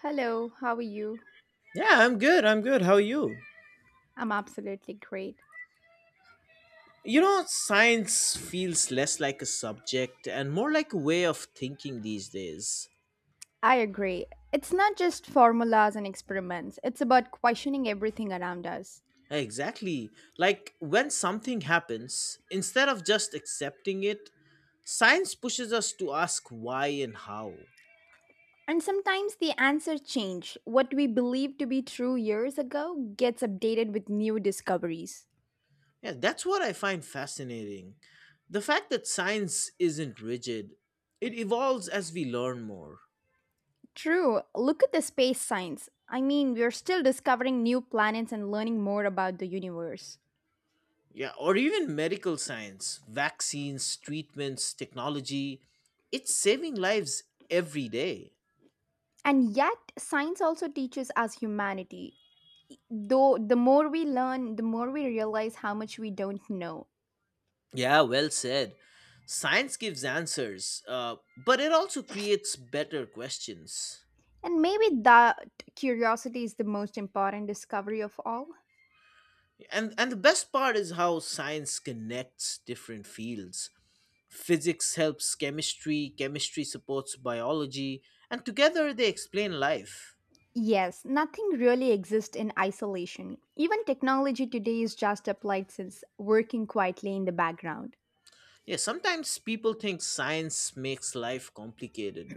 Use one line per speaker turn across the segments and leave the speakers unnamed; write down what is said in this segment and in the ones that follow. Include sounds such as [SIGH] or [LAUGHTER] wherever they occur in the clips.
Hello, how are you?
Yeah, I'm good. I'm good. How are you?
I'm absolutely great.
Science feels less like a subject and more like a way of thinking these days.
I agree. It's not just formulas and experiments, it's about questioning everything around us.
Exactly. Like when something happens, instead of just accepting it, science pushes us to ask why and how.
And sometimes the answers change. What we believed to be true years ago gets updated with new discoveries.
Yeah, that's what I find fascinating. The fact that science isn't rigid, it evolves as we learn more.
True, look at the space science. I mean, we're still discovering new planets and learning more about the universe.
Yeah, or even medical science, vaccines, treatments, technology. It's saving lives every day.
And yet, science also teaches us humanity. Though the more we learn, the more we realize how much we don't know.
Yeah, well said. Science gives answers, but it also creates better questions.
And maybe that curiosity is the most important discovery of all.
And the best part is how science connects different fields. Physics helps chemistry, chemistry supports biology, and together they explain life.
Yes, nothing really exists in isolation. Even technology today is just applied since working quietly in the background.
Yeah, sometimes people think science makes life complicated,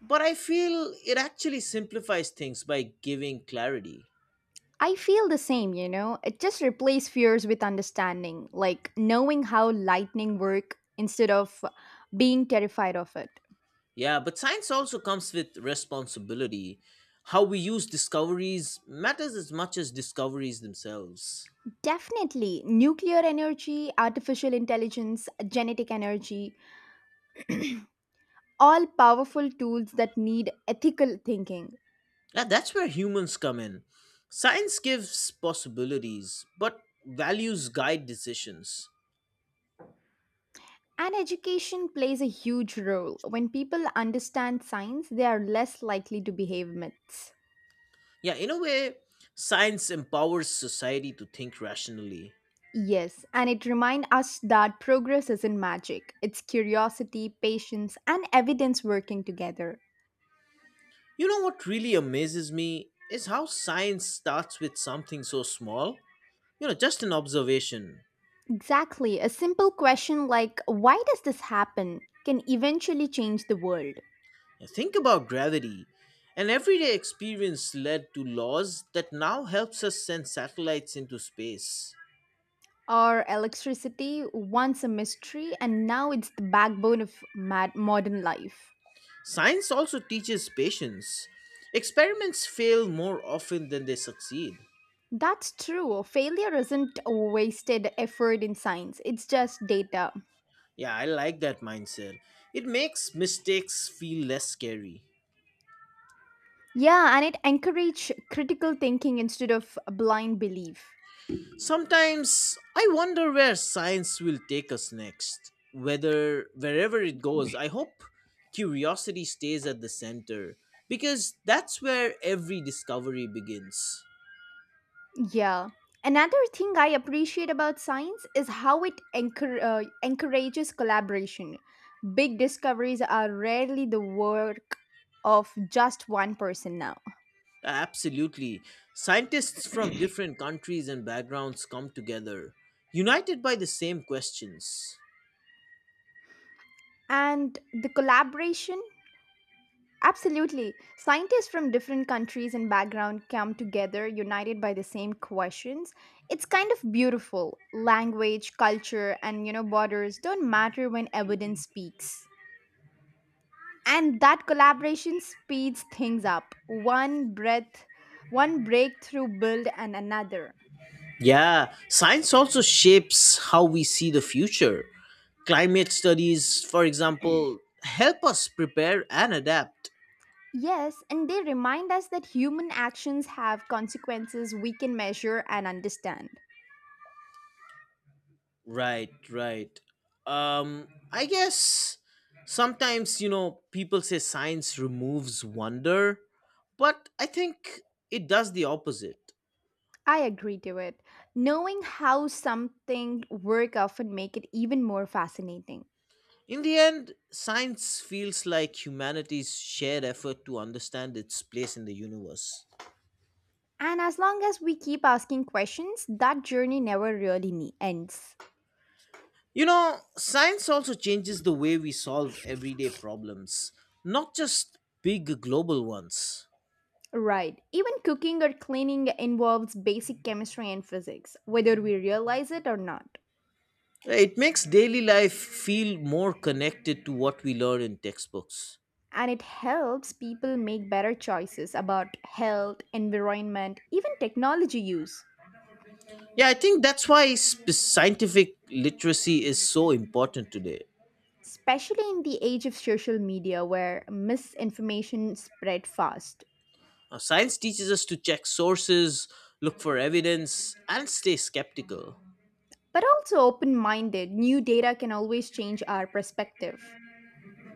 but I feel it actually simplifies things by giving clarity.
I feel the same, you know. It just replaces fears with understanding, like knowing how lightning work instead of being terrified of it.
Yeah, but science also comes with responsibility. How we use discoveries matters as much as discoveries themselves.
Definitely, nuclear energy, artificial intelligence, genetic energy, all powerful tools that need ethical thinking.
Yeah, that's where humans come in. Science gives possibilities, but values guide decisions.
And education plays a huge role. When people understand science, they are less likely to behave myths.
Yeah, in a way, science empowers society to think rationally.
Yes, and it reminds us that progress isn't magic. It's curiosity, patience, and evidence working together.
You know what really amazes me is how science starts with something so small. Just an observation.
Exactly. A simple question like, why does this happen, can eventually change the world.
Now, think about gravity. An everyday experience led to laws that now helps us send satellites into space.
Or electricity, once a mystery, and now it's the backbone of modern life.
Science also teaches patience. Experiments fail more often than they succeed.
That's true. Failure isn't a wasted effort in science, it's just data.
Yeah, I like that mindset. It makes mistakes feel less scary.
Yeah, and it encourage critical thinking instead of blind belief.
Sometimes I wonder where science will take us next. Whether wherever it goes, I hope curiosity stays at the center because that's where every discovery begins.
Yeah. Another thing I appreciate about science is how it encourages collaboration. Big discoveries are rarely the work of just one person now.
Absolutely. Scientists from different countries and backgrounds come together, united by the same questions.
And the collaboration. Absolutely. Scientists from different countries and background come together united by the same questions. It's kind of beautiful. Language, culture, and you know, borders don't matter when evidence speaks. And that collaboration speeds things up. One breakthrough build and another.
Yeah, science also shapes how we see the future. Climate studies, for example, help us prepare and adapt.
Yes, and they remind us that human actions have consequences we can measure and understand.
Right, right. I guess sometimes, people say science removes wonder, but I think it does the opposite.
I agree to it. Knowing how something work often make it even more fascinating.
In the end, science feels like humanity's shared effort to understand its place in the universe.
And as long as we keep asking questions, that journey never really ends.
Science also changes the way we solve everyday problems, not just big global ones.
Right. Even cooking or cleaning involves basic chemistry and physics, whether we realize it or not.
It makes daily life feel more connected to what we learn in textbooks.
And it helps people make better choices about health, environment, even technology use,
Yeah, I think that's why scientific literacy is so important today.
especially in the age of social media where misinformation spread fast.
Science teaches us to check sources, look for evidence, and stay skeptical.
But also open minded, new data can always change our perspective.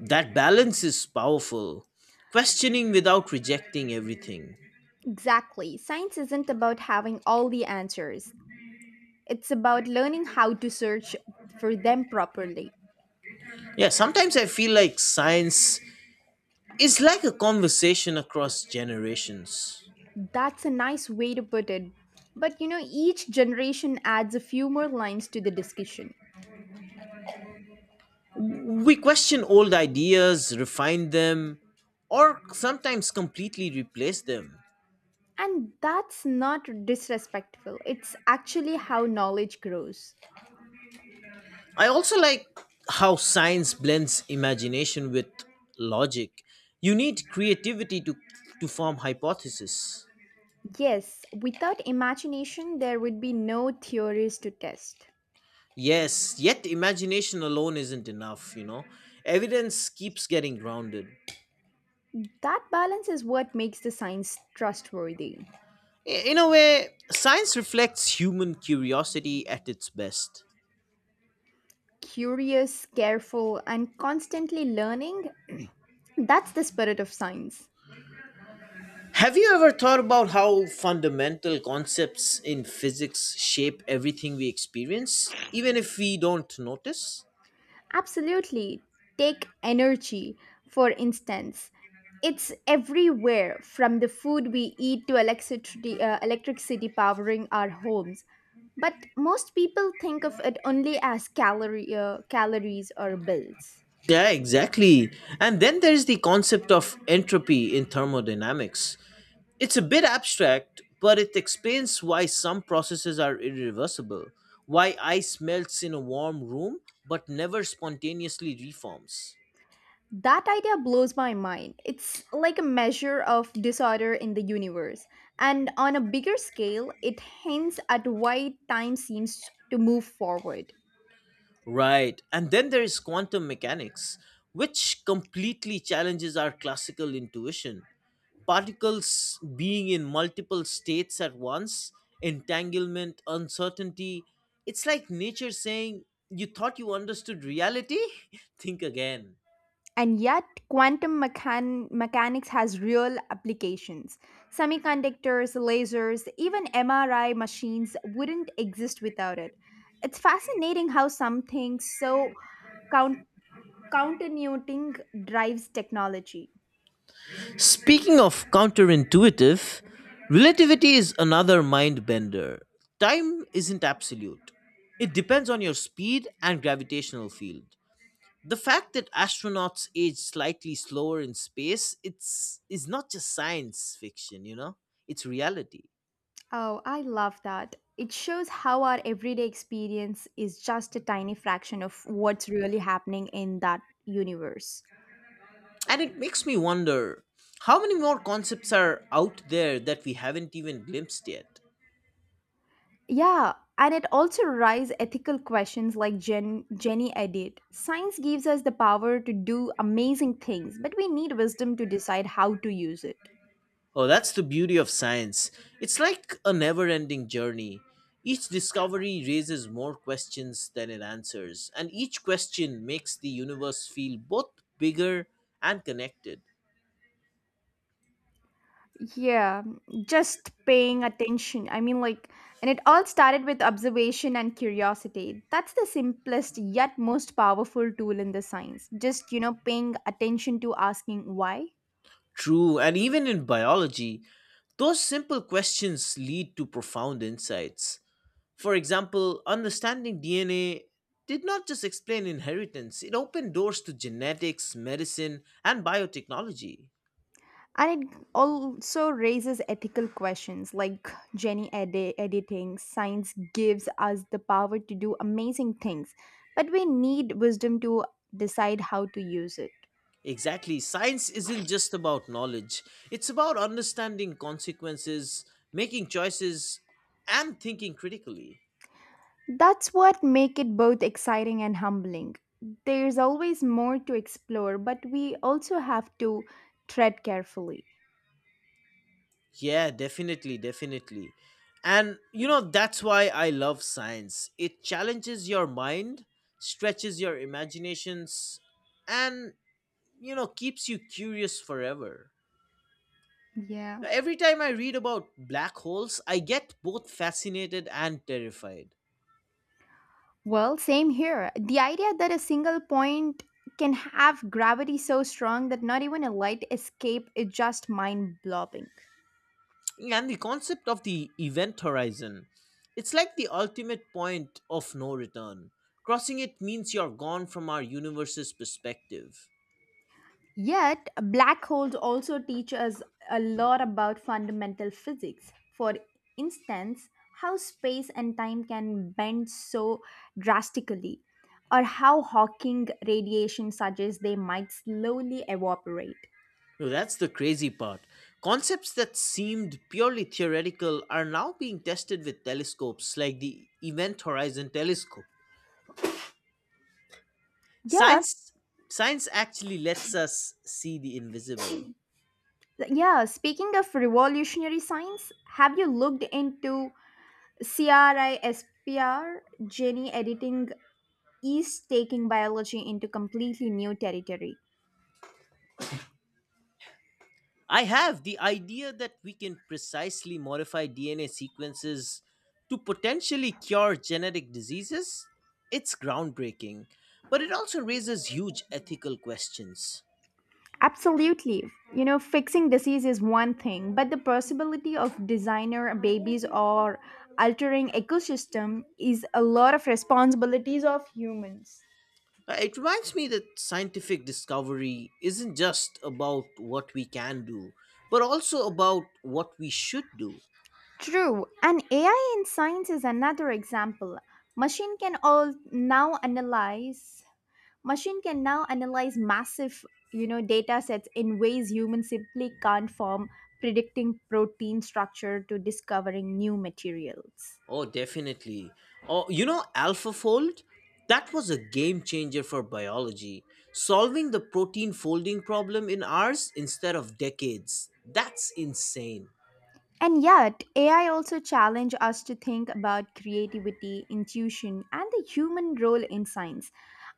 That balance is powerful, questioning without rejecting everything.
Exactly. Science isn't about having all the answers, it's about learning how to search for them properly.
Yeah, sometimes I feel like science is like a conversation across generations.
That's a nice way to put it. But you know, each generation adds a few more lines to the discussion.
We question old ideas, refine them, or sometimes completely replace them.
And that's not disrespectful, it's actually how knowledge grows.
I also like how science blends imagination with logic. You need creativity to form hypotheses.
Yes, without imagination, there would be no theories to test.
Yes, yet imagination alone isn't enough. Evidence keeps getting grounded.
That balance is what makes the science trustworthy.
In a way, science reflects human curiosity at its best.
Curious, careful, and constantly learning, that's the spirit of science.
Have you ever thought about how fundamental concepts in physics shape everything we experience, even if we don't notice?
Absolutely. Take energy, for instance. It's everywhere from the food we eat to electricity, powering our homes. But most people think of it only as calories or bills.
Yeah, exactly. And then there's the concept of entropy in thermodynamics. It's a bit abstract, but it explains why some processes are irreversible, why ice melts in a warm room but never spontaneously reforms.
That idea blows my mind. It's like a measure of disorder in the universe. And on a bigger scale, it hints at why time seems to move forward.
Right. And then there is quantum mechanics, which completely challenges our classical intuition. Particles being in multiple states at once, entanglement, uncertainty. It's like nature saying, "You thought you understood reality? [LAUGHS] Think again."
And yet, mechanics has real applications. Semiconductors, lasers, even MRI machines wouldn't exist without it. It's fascinating how something so count- counternuting drives technology.
Speaking of counterintuitive, relativity is another mind bender. Time isn't absolute, it depends on your speed and gravitational field. The fact that astronauts age slightly slower in space, it's is not just science fiction, you know? It's reality.
Oh, I love that. It shows how our everyday experience is just a tiny fraction of what's really happening in that universe.
And it makes me wonder how many more concepts are out there that we haven't even glimpsed yet.
Yeah, and it also raises ethical questions like Jenny Edit. Science gives us the power to do amazing things, but we need wisdom to decide how to use it.
Oh, that's the beauty of science. It's like a never ending journey. Each discovery raises more questions than it answers, and each question makes the universe feel both bigger and connected.
Yeah, just paying attention. I mean, like, and it all started with observation and curiosity. That's the simplest yet most powerful tool in the science. Just, you know, paying attention to asking why.
True, and even in biology, those simple questions lead to profound insights. For example, understanding DNA did not just explain inheritance, it opened doors to genetics, medicine, and biotechnology.
And it also raises ethical questions like editing science gives us the power to do amazing things, but we need wisdom to decide how to use it.
Exactly, science isn't just about knowledge, it's about understanding consequences, making choices, and thinking critically.
That's what make it both exciting and humbling. There's always more to explore, but we also have to tread carefully.
Yeah, definitely, definitely. And that's why I love science. It challenges your mind, stretches your imaginations, and keeps you curious forever.
Yeah.
Every time I read about black holes, I get both fascinated and terrified.
Well, same here. The idea that a single point can have gravity so strong that not even a light escape is just mind blowing.
And the concept of the event horizon, it's like the ultimate point of no return. Crossing it means you're gone from our universe's perspective.
Yet, black holes also teach us a lot about fundamental physics. For instance, how space and time can bend so drastically, or how Hawking radiation suggests they might slowly evaporate.
No, that's the crazy part. Concepts that seemed purely theoretical are now being tested with telescopes like the Event Horizon Telescope.
Yes.
Science science actually lets us see the invisible.
Yeah, speaking of revolutionary science, have you looked into CRISPR? Gene editing is taking biology into completely new territory.
I have the idea that we can precisely modify DNA sequences to potentially cure genetic diseases. It's groundbreaking, but it also raises huge ethical questions.
Absolutely. You know, fixing disease is one thing, but the possibility of designer babies or altering ecosystem is a lot of responsibilities of humans.
It reminds me that scientific discovery isn't just about what we can do, but also about what we should do.
True, and AI in science is another example. Machine can all now analyze machine can now analyze massive, you know, data sets in ways humans simply can't, from predicting protein structure to discovering new materials.
Oh, definitely. Oh, AlphaFold? That was a game changer for biology. Solving the protein folding problem in hours instead of decades. That's insane.
And yet AI also challenge us to think about creativity, intuition, and the human role in science.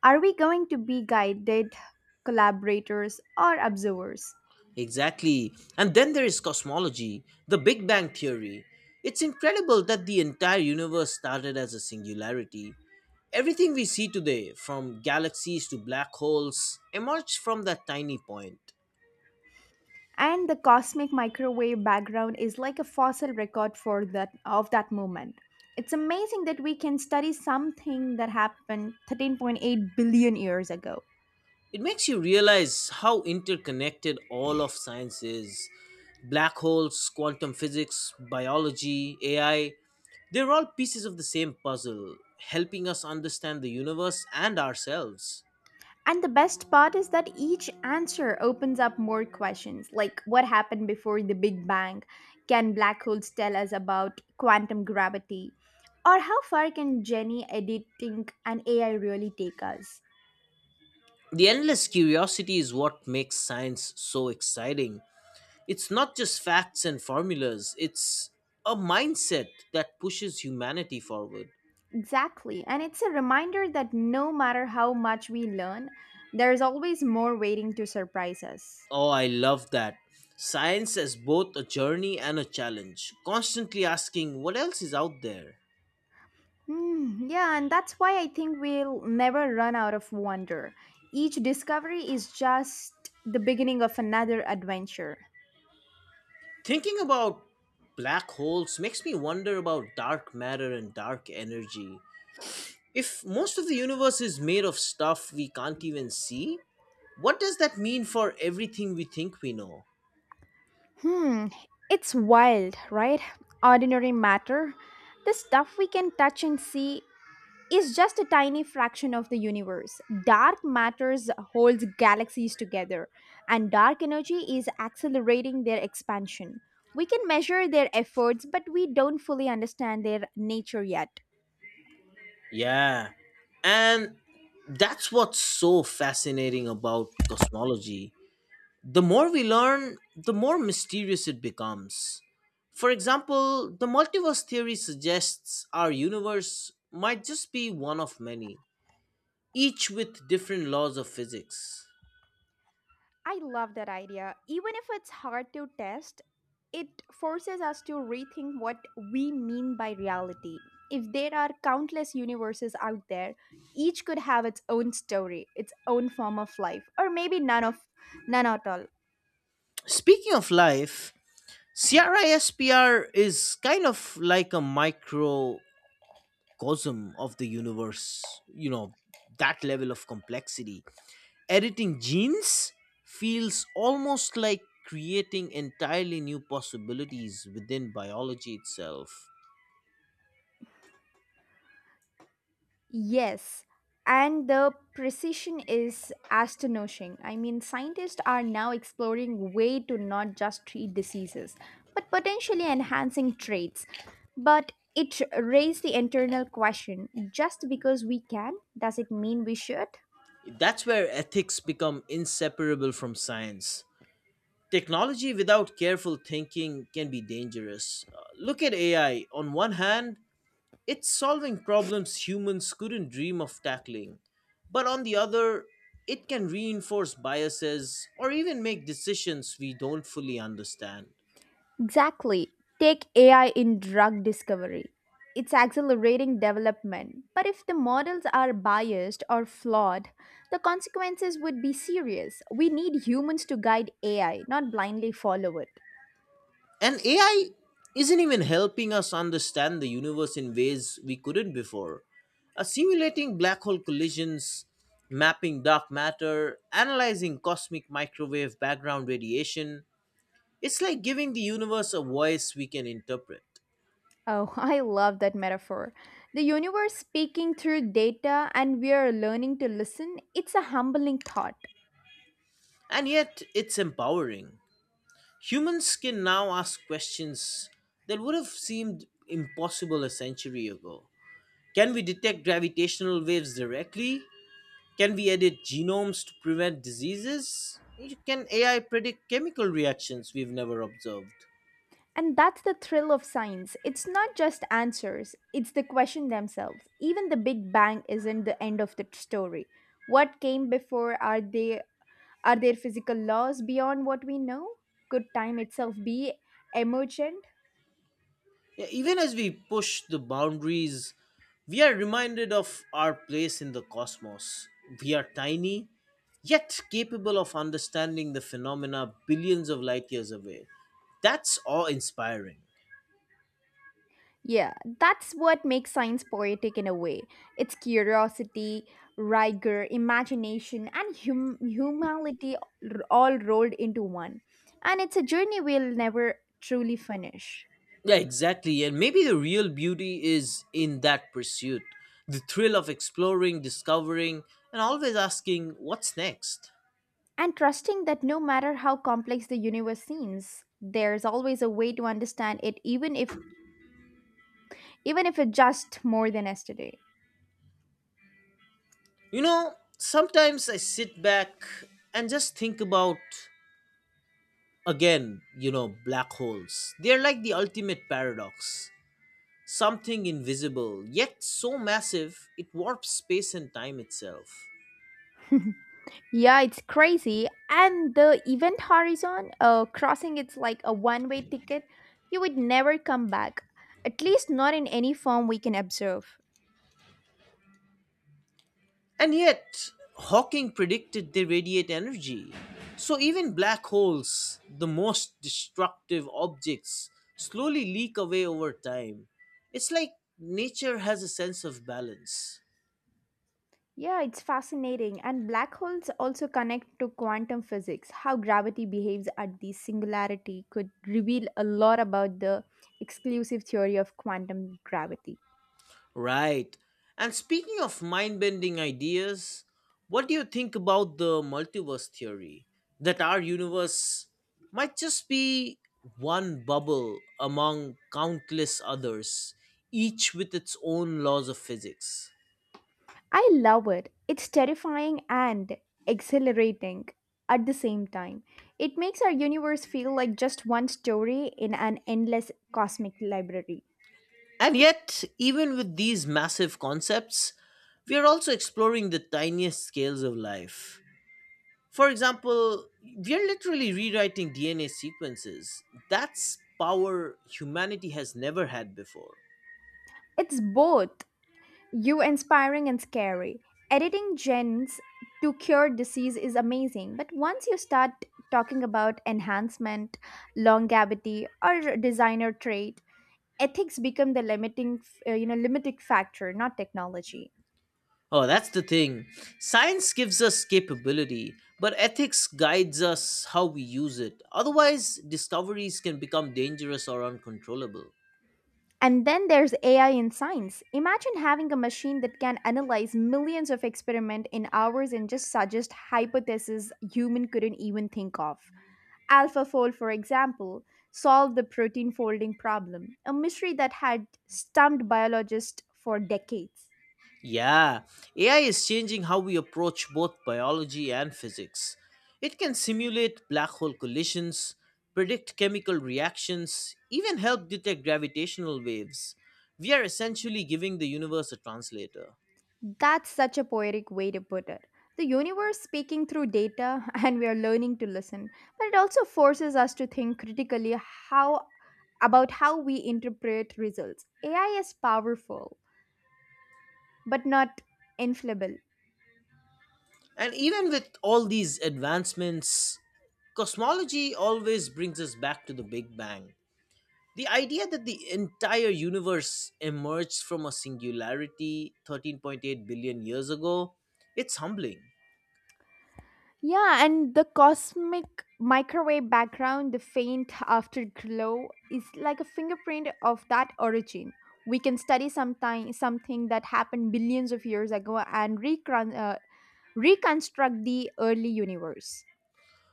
Are we going to be guided collaborators or observers?
Exactly. And then there is cosmology, the Big Bang Theory. It's incredible that the entire universe started as a singularity. Everything we see today, from galaxies to black holes, emerged from that tiny point.
And the cosmic microwave background is like a fossil record for that of that moment. It's amazing that we can study something that happened 13.8 billion years ago.
It makes you realize how interconnected all of science is. Black holes, quantum physics, biology, AI, they're all pieces of the same puzzle, helping us understand the universe and ourselves.
And the best part is that each answer opens up more questions, like what happened before the big bang? Can black holes tell us about quantum gravity? Or how far can jenny editing and AI really take us?
The endless curiosity is what makes science so exciting. It's not just facts and formulas, it's a mindset that pushes humanity forward.
Exactly. And it's a reminder that no matter how much we learn, there's always more waiting to surprise us.
Oh, I love that. Science is both a journey and a challenge, constantly asking what else is out there.
Hmm, yeah, and that's why I think we'll never run out of wonder. Each discovery is just the beginning of another adventure.
Thinking about black holes makes me wonder about dark matter and dark energy. If most of the universe is made of stuff we can't even see, what does that mean for everything we think we know?
Hmm, it's wild, right? Ordinary matter. The stuff we can touch and see is just a tiny fraction of the universe. Dark matters holds galaxies together, and dark energy is accelerating their expansion. We can measure their efforts, but we don't fully understand their nature yet.
Yeah, and that's what's so fascinating about cosmology. The more we learn, the more mysterious it becomes. For example, the multiverse theory suggests our universe might just be one of many, each with different laws of physics.
I love that idea. Even if it's hard to test, it forces us to rethink what we mean by reality. If there are countless universes out there, each could have its own story, its own form of life, or maybe none at all.
Speaking of life, CRISPR is kind of like a microcosm of the universe, that level of complexity editing genes feels almost like creating entirely new possibilities within biology itself.
Yes, and the precision is astonishing. I mean, scientists are now exploring way to not just treat diseases, but potentially enhancing traits. But it raised the internal question: just because we can, does it mean we should?
That's where ethics become inseparable from science. Technology without careful thinking can be dangerous. Look at AI. On one hand, it's solving problems humans couldn't dream of tackling, but on the other, it can reinforce biases or even make decisions we don't fully understand.
Exactly. Take AI in drug discovery. It's accelerating development, but if the models are biased or flawed, the consequences would be serious. We need humans to guide AI, not blindly follow it.
And AI isn't even helping us understand the universe in ways we couldn't before. Simulating black hole collisions, mapping dark matter, analyzing cosmic microwave background radiation, it's like giving the universe a voice we can interpret.
Oh, [LAUGHS] I love that metaphor. The universe speaking through data and we are learning to listen. It's a humbling thought.
And yet, it's empowering. Humans can now ask questions that would have seemed impossible a century ago. Can we detect gravitational waves directly? Can we edit genomes to prevent diseases? Can AI predict chemical reactions we've never observed?
And that's the thrill of science. It's not just answers, it's the question themselves. Even the Big Bang isn't the end of the story. What came before? Are there physical laws beyond what we know? Could time itself be emergent?
Yeah, even as we push the boundaries, we are reminded of our place in the cosmos. We are tiny, yet capable of understanding the phenomena billions of light years away. That's awe inspiring.
Yeah, that's what makes science poetic in a way. It's curiosity, rigor, imagination, and humanity all rolled into one. And it's a journey we'll never truly finish.
Yeah, exactly. And maybe the real beauty is in that pursuit, the thrill of exploring, discovering, and always asking, what's next?
And trusting that no matter how complex the universe seems, there's always a way to understand it, even if it's just more than yesterday.
Sometimes I sit back and just think about, again, black holes. They're like the ultimate paradox, something invisible, yet so massive it warps space and time itself.
Yeah, it's crazy. And the event horizon, crossing it's like a one-way ticket. You would never come back. At least not in any form we can observe.
And yet, Hawking predicted they radiate energy. So even black holes, the most destructive objects, slowly leak away over time. It's like nature has a sense of balance.
Yeah, it's fascinating. And black holes also connect to quantum physics. How gravity behaves at the singularity could reveal a lot about the exclusive theory of quantum gravity.
Right. And speaking of mind bending ideas, what do you think about the multiverse theory? That our universe might just be one bubble among countless others, each with its own laws of physics.
I love it. It's terrifying and exhilarating at the same time. It makes our universe feel like just one story in an endless cosmic library.
And yet, even with these massive concepts, we are also exploring the tiniest scales of life. For example, we are literally rewriting DNA sequences. That's power humanity has never had before.
It's both. You inspiring and scary. Editing genes to cure disease is amazing, but once you start talking about enhancement, longevity, or designer trait, ethics become the limiting, limiting factor, not technology.
Oh, that's the thing. Science gives us capability, but ethics guides us how we use it. Otherwise, discoveries can become dangerous or uncontrollable.
And then there's AI in science. Imagine having a machine that can analyze millions of experiments in hours and just suggest hypotheses human couldn't even think of. Alphafold, for example, solved the protein folding problem, a mystery that had stumped biologists for decades.
Yeah, AI is changing how we approach both biology and physics. It can simulate black hole collisions, predict chemical reactions, even help detect gravitational waves. We are essentially giving the universe a translator.
That's such a poetic way to put it. The universe speaking through data, [LAUGHS] and we are learning to listen, but it also forces us to think critically how about how we interpret results. AI is powerful, but not infallible.
And even with all these advancements, cosmology always brings us back to the Big Bang. The idea that the entire universe emerged from a singularity 13.8 billion years ago, it's humbling.
Yeah, and the cosmic microwave background, the faint afterglow, is like a fingerprint of that origin. We can something that happened billions of years ago and reconstruct the early universe.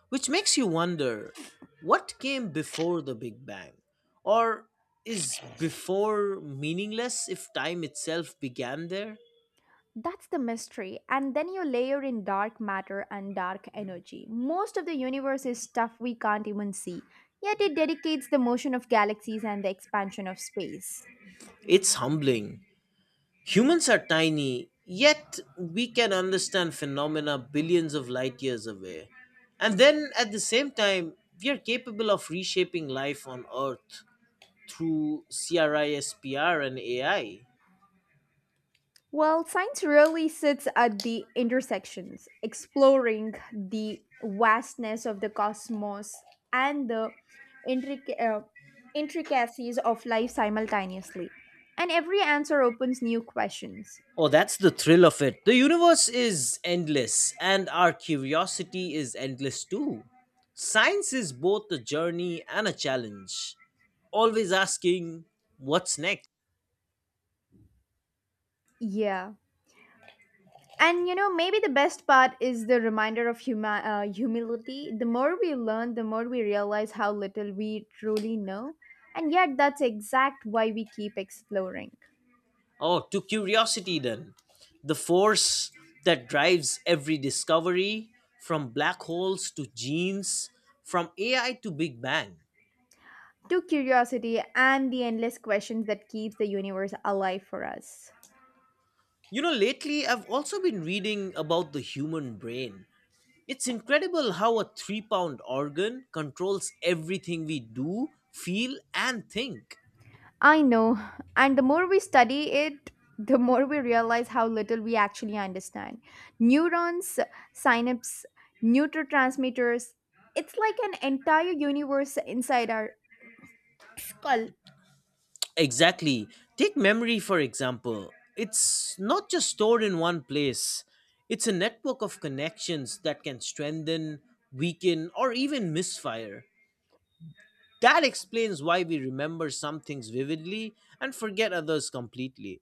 Which makes you wonder, what came before the Big Bang? Or is before meaningless if time itself began there?
That's the mystery. And then you layer in dark matter and dark energy. Most of the universe is stuff we can't even see, yet it dedicates the motion of galaxies and the expansion of space.
It's humbling. Humans are tiny, yet we can understand phenomena billions of light years away. And then at the same time, we are capable of reshaping life on Earth through CRISPR and AI.
Well, science really sits at the intersections, exploring the vastness of the cosmos and the intric- uh, intricacies of life simultaneously. And every answer opens new questions.
Oh, that's the thrill of it. The universe is endless, and our curiosity is endless too. Science is both a journey and a challenge. Always asking, what's next?
Yeah. And you know, maybe the best part is the reminder of humility. The more we learn, the more we realize how little we truly know. And yet, that's exact why we keep exploring.
Oh, to curiosity then. The force that drives every discovery, from black holes to genes, from AI to Big Bang.
To curiosity and the endless questions that keeps the universe alive for us.
Lately I've also been reading about the human brain. It's incredible how a 3-pound organ controls everything we do, feel, and think.
I know, and the more we study it, the more we realize how little we actually understand. Neurons, synapses, neurotransmitters, it's like an entire universe inside our skull.
Exactly. Take memory, for example. It's not just stored in one place, it's a network of connections that can strengthen, weaken, or even misfire. That explains why we remember some things vividly and forget others completely.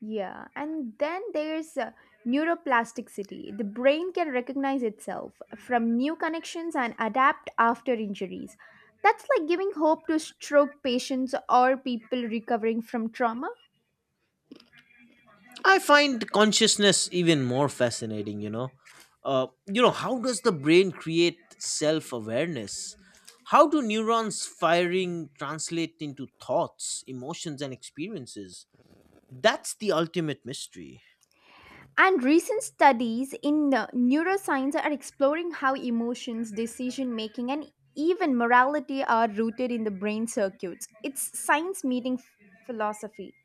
Yeah, and then there's neuroplasticity. The brain can recognize itself from new connections and adapt after injuries. That's like giving hope to stroke patients or people recovering from trauma.
I find consciousness even more fascinating. How does the brain create self awareness? How do neurons firing translate into thoughts, emotions, and experiences? That's the ultimate mystery.
And recent studies in neuroscience are exploring how emotions, decision making, and even morality are rooted in the brain circuits. It's science meeting philosophy.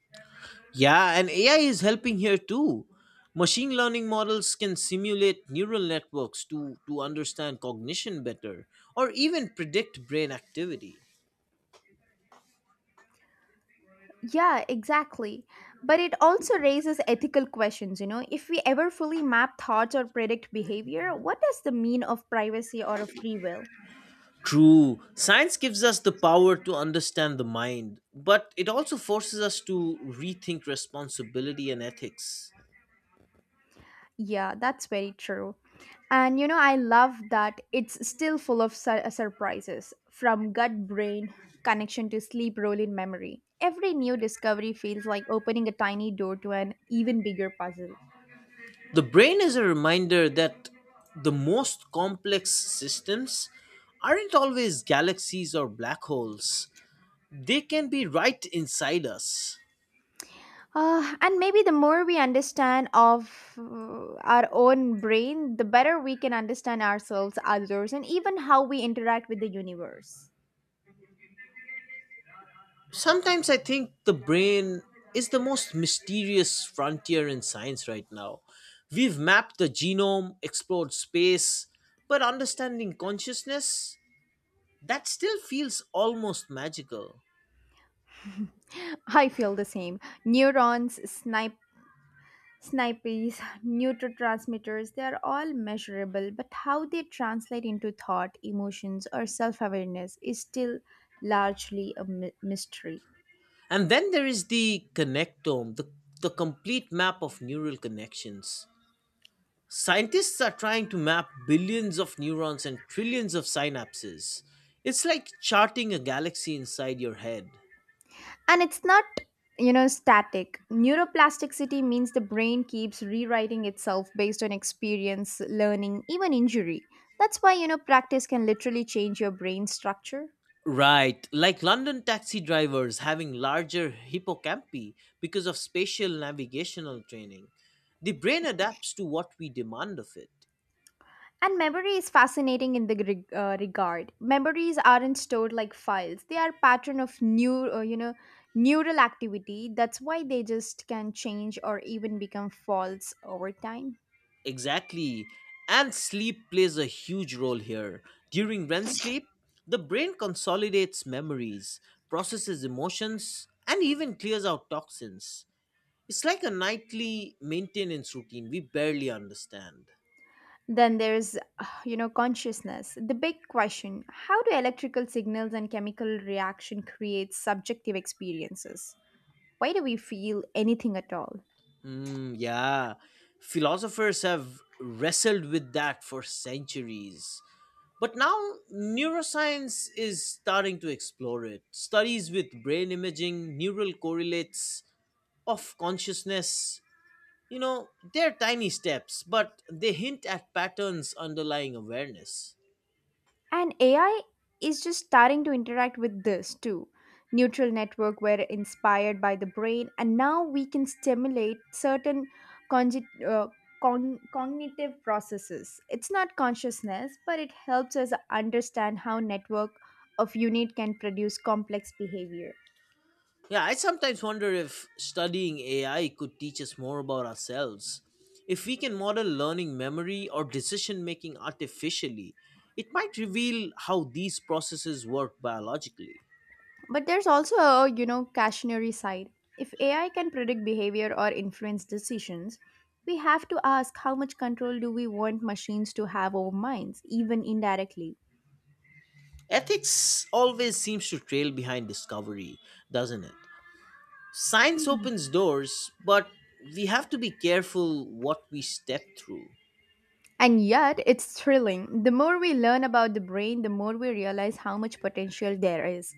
Yeah, and AI is helping here too. Machine learning models can simulate neural networks to understand cognition better or even predict brain activity.
Yeah, exactly. But it also raises ethical questions, you know. If we ever fully map thoughts or predict behavior, what does the mean of privacy or of free will?
True. Science gives us the power to understand the mind, but it also forces us to rethink responsibility and ethics.
Yeah, that's very true. And you know, I love that it's still full of surprises, from gut brain connection to sleep role in memory. Every new discovery feels like opening a tiny door to an even bigger puzzle.
The brain is a reminder that the most complex systems aren't always galaxies or black holes, they can be right inside us.
And maybe the more we understand of our own brain, the better we can understand ourselves, others, and even how we interact with the universe.
Sometimes I think the brain is the most mysterious frontier in science right now. We've mapped the genome, explored space, but understanding consciousness, that still feels almost magical.
I feel the same. Neurons, snipes, neurotransmitters, they are all measurable, but how they translate into thought, emotions, or self awareness is still largely a mystery.
And then there is the connectome, the complete map of neural connections. Scientists are trying to map billions of neurons and trillions of synapses. It's like charting a galaxy inside your head.
And it's not static. Neuroplasticity means the brain keeps rewriting itself based on experience, learning, even injury. That's why practice can literally change your brain structure.
Right, like London taxi drivers having larger hippocampi because of spatial navigational training. The brain adapts to what we demand of it.
And memory is fascinating in the regard. Memories aren't stored like files. They are pattern of new, neural activity. That's why they just can change or even become false over time.
Exactly. And sleep plays a huge role here. During REM sleep, the brain consolidates memories, processes emotions, and even clears out toxins. It's like a nightly maintenance routine we barely understand.
Then there's consciousness. The big question: how do electrical signals and chemical reaction create subjective experiences? Why do we feel anything at all?
Mm, yeah. Philosophers have wrestled with that for centuries. But now neuroscience is starting to explore it. Studies with brain imaging, neural correlates of consciousness. You know, they're tiny steps, but they hint at patterns underlying awareness.
And AI is just starting to interact with this too. Neutral network were inspired by the brain, and now we can stimulate certain congi- uh, cognitive processes. It's not consciousness, but it helps us understand how network of unit can produce complex behavior.
Yeah, I sometimes wonder if studying AI could teach us more about ourselves. If we can model learning memory or decision making artificially, it might reveal how these processes work biologically.
But there's also a cautionary side. If AI can predict behavior or influence decisions, we have to ask, how much control do we want machines to have over minds, even indirectly?
Ethics always seems to trail behind discovery, doesn't it? Science
Hmm.
opens doors, but we have to be careful what we step through.
And yet, it's thrilling. The more we learn about the brain, the more we realize how much potential there is.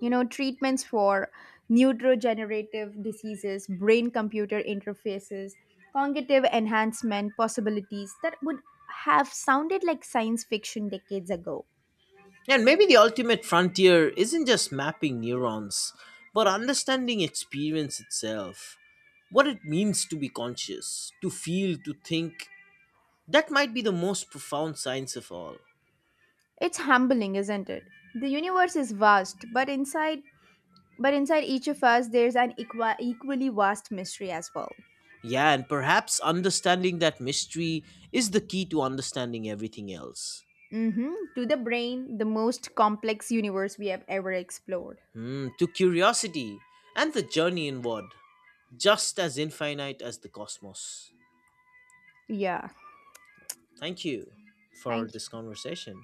You know, treatments for neurodegenerative diseases, brain computer interfaces, cognitive enhancement possibilities that would have sounded like science fiction decades ago.
And maybe the ultimate frontier isn't just mapping neurons, but understanding experience itself. What it means to be conscious, to feel, to think. That might be the most profound science of all.
It's humbling, isn't it? The universe is vast, but inside each of us there's an equally vast mystery as well.
Yeah, and perhaps understanding that mystery is the key to understanding everything else.
Mhm. To the brain, the most complex universe we have ever explored.
Hmm, to curiosity and the journey inward, just as infinite as the cosmos.
Yeah.
Thank you for
Thank
this
you.
conversation.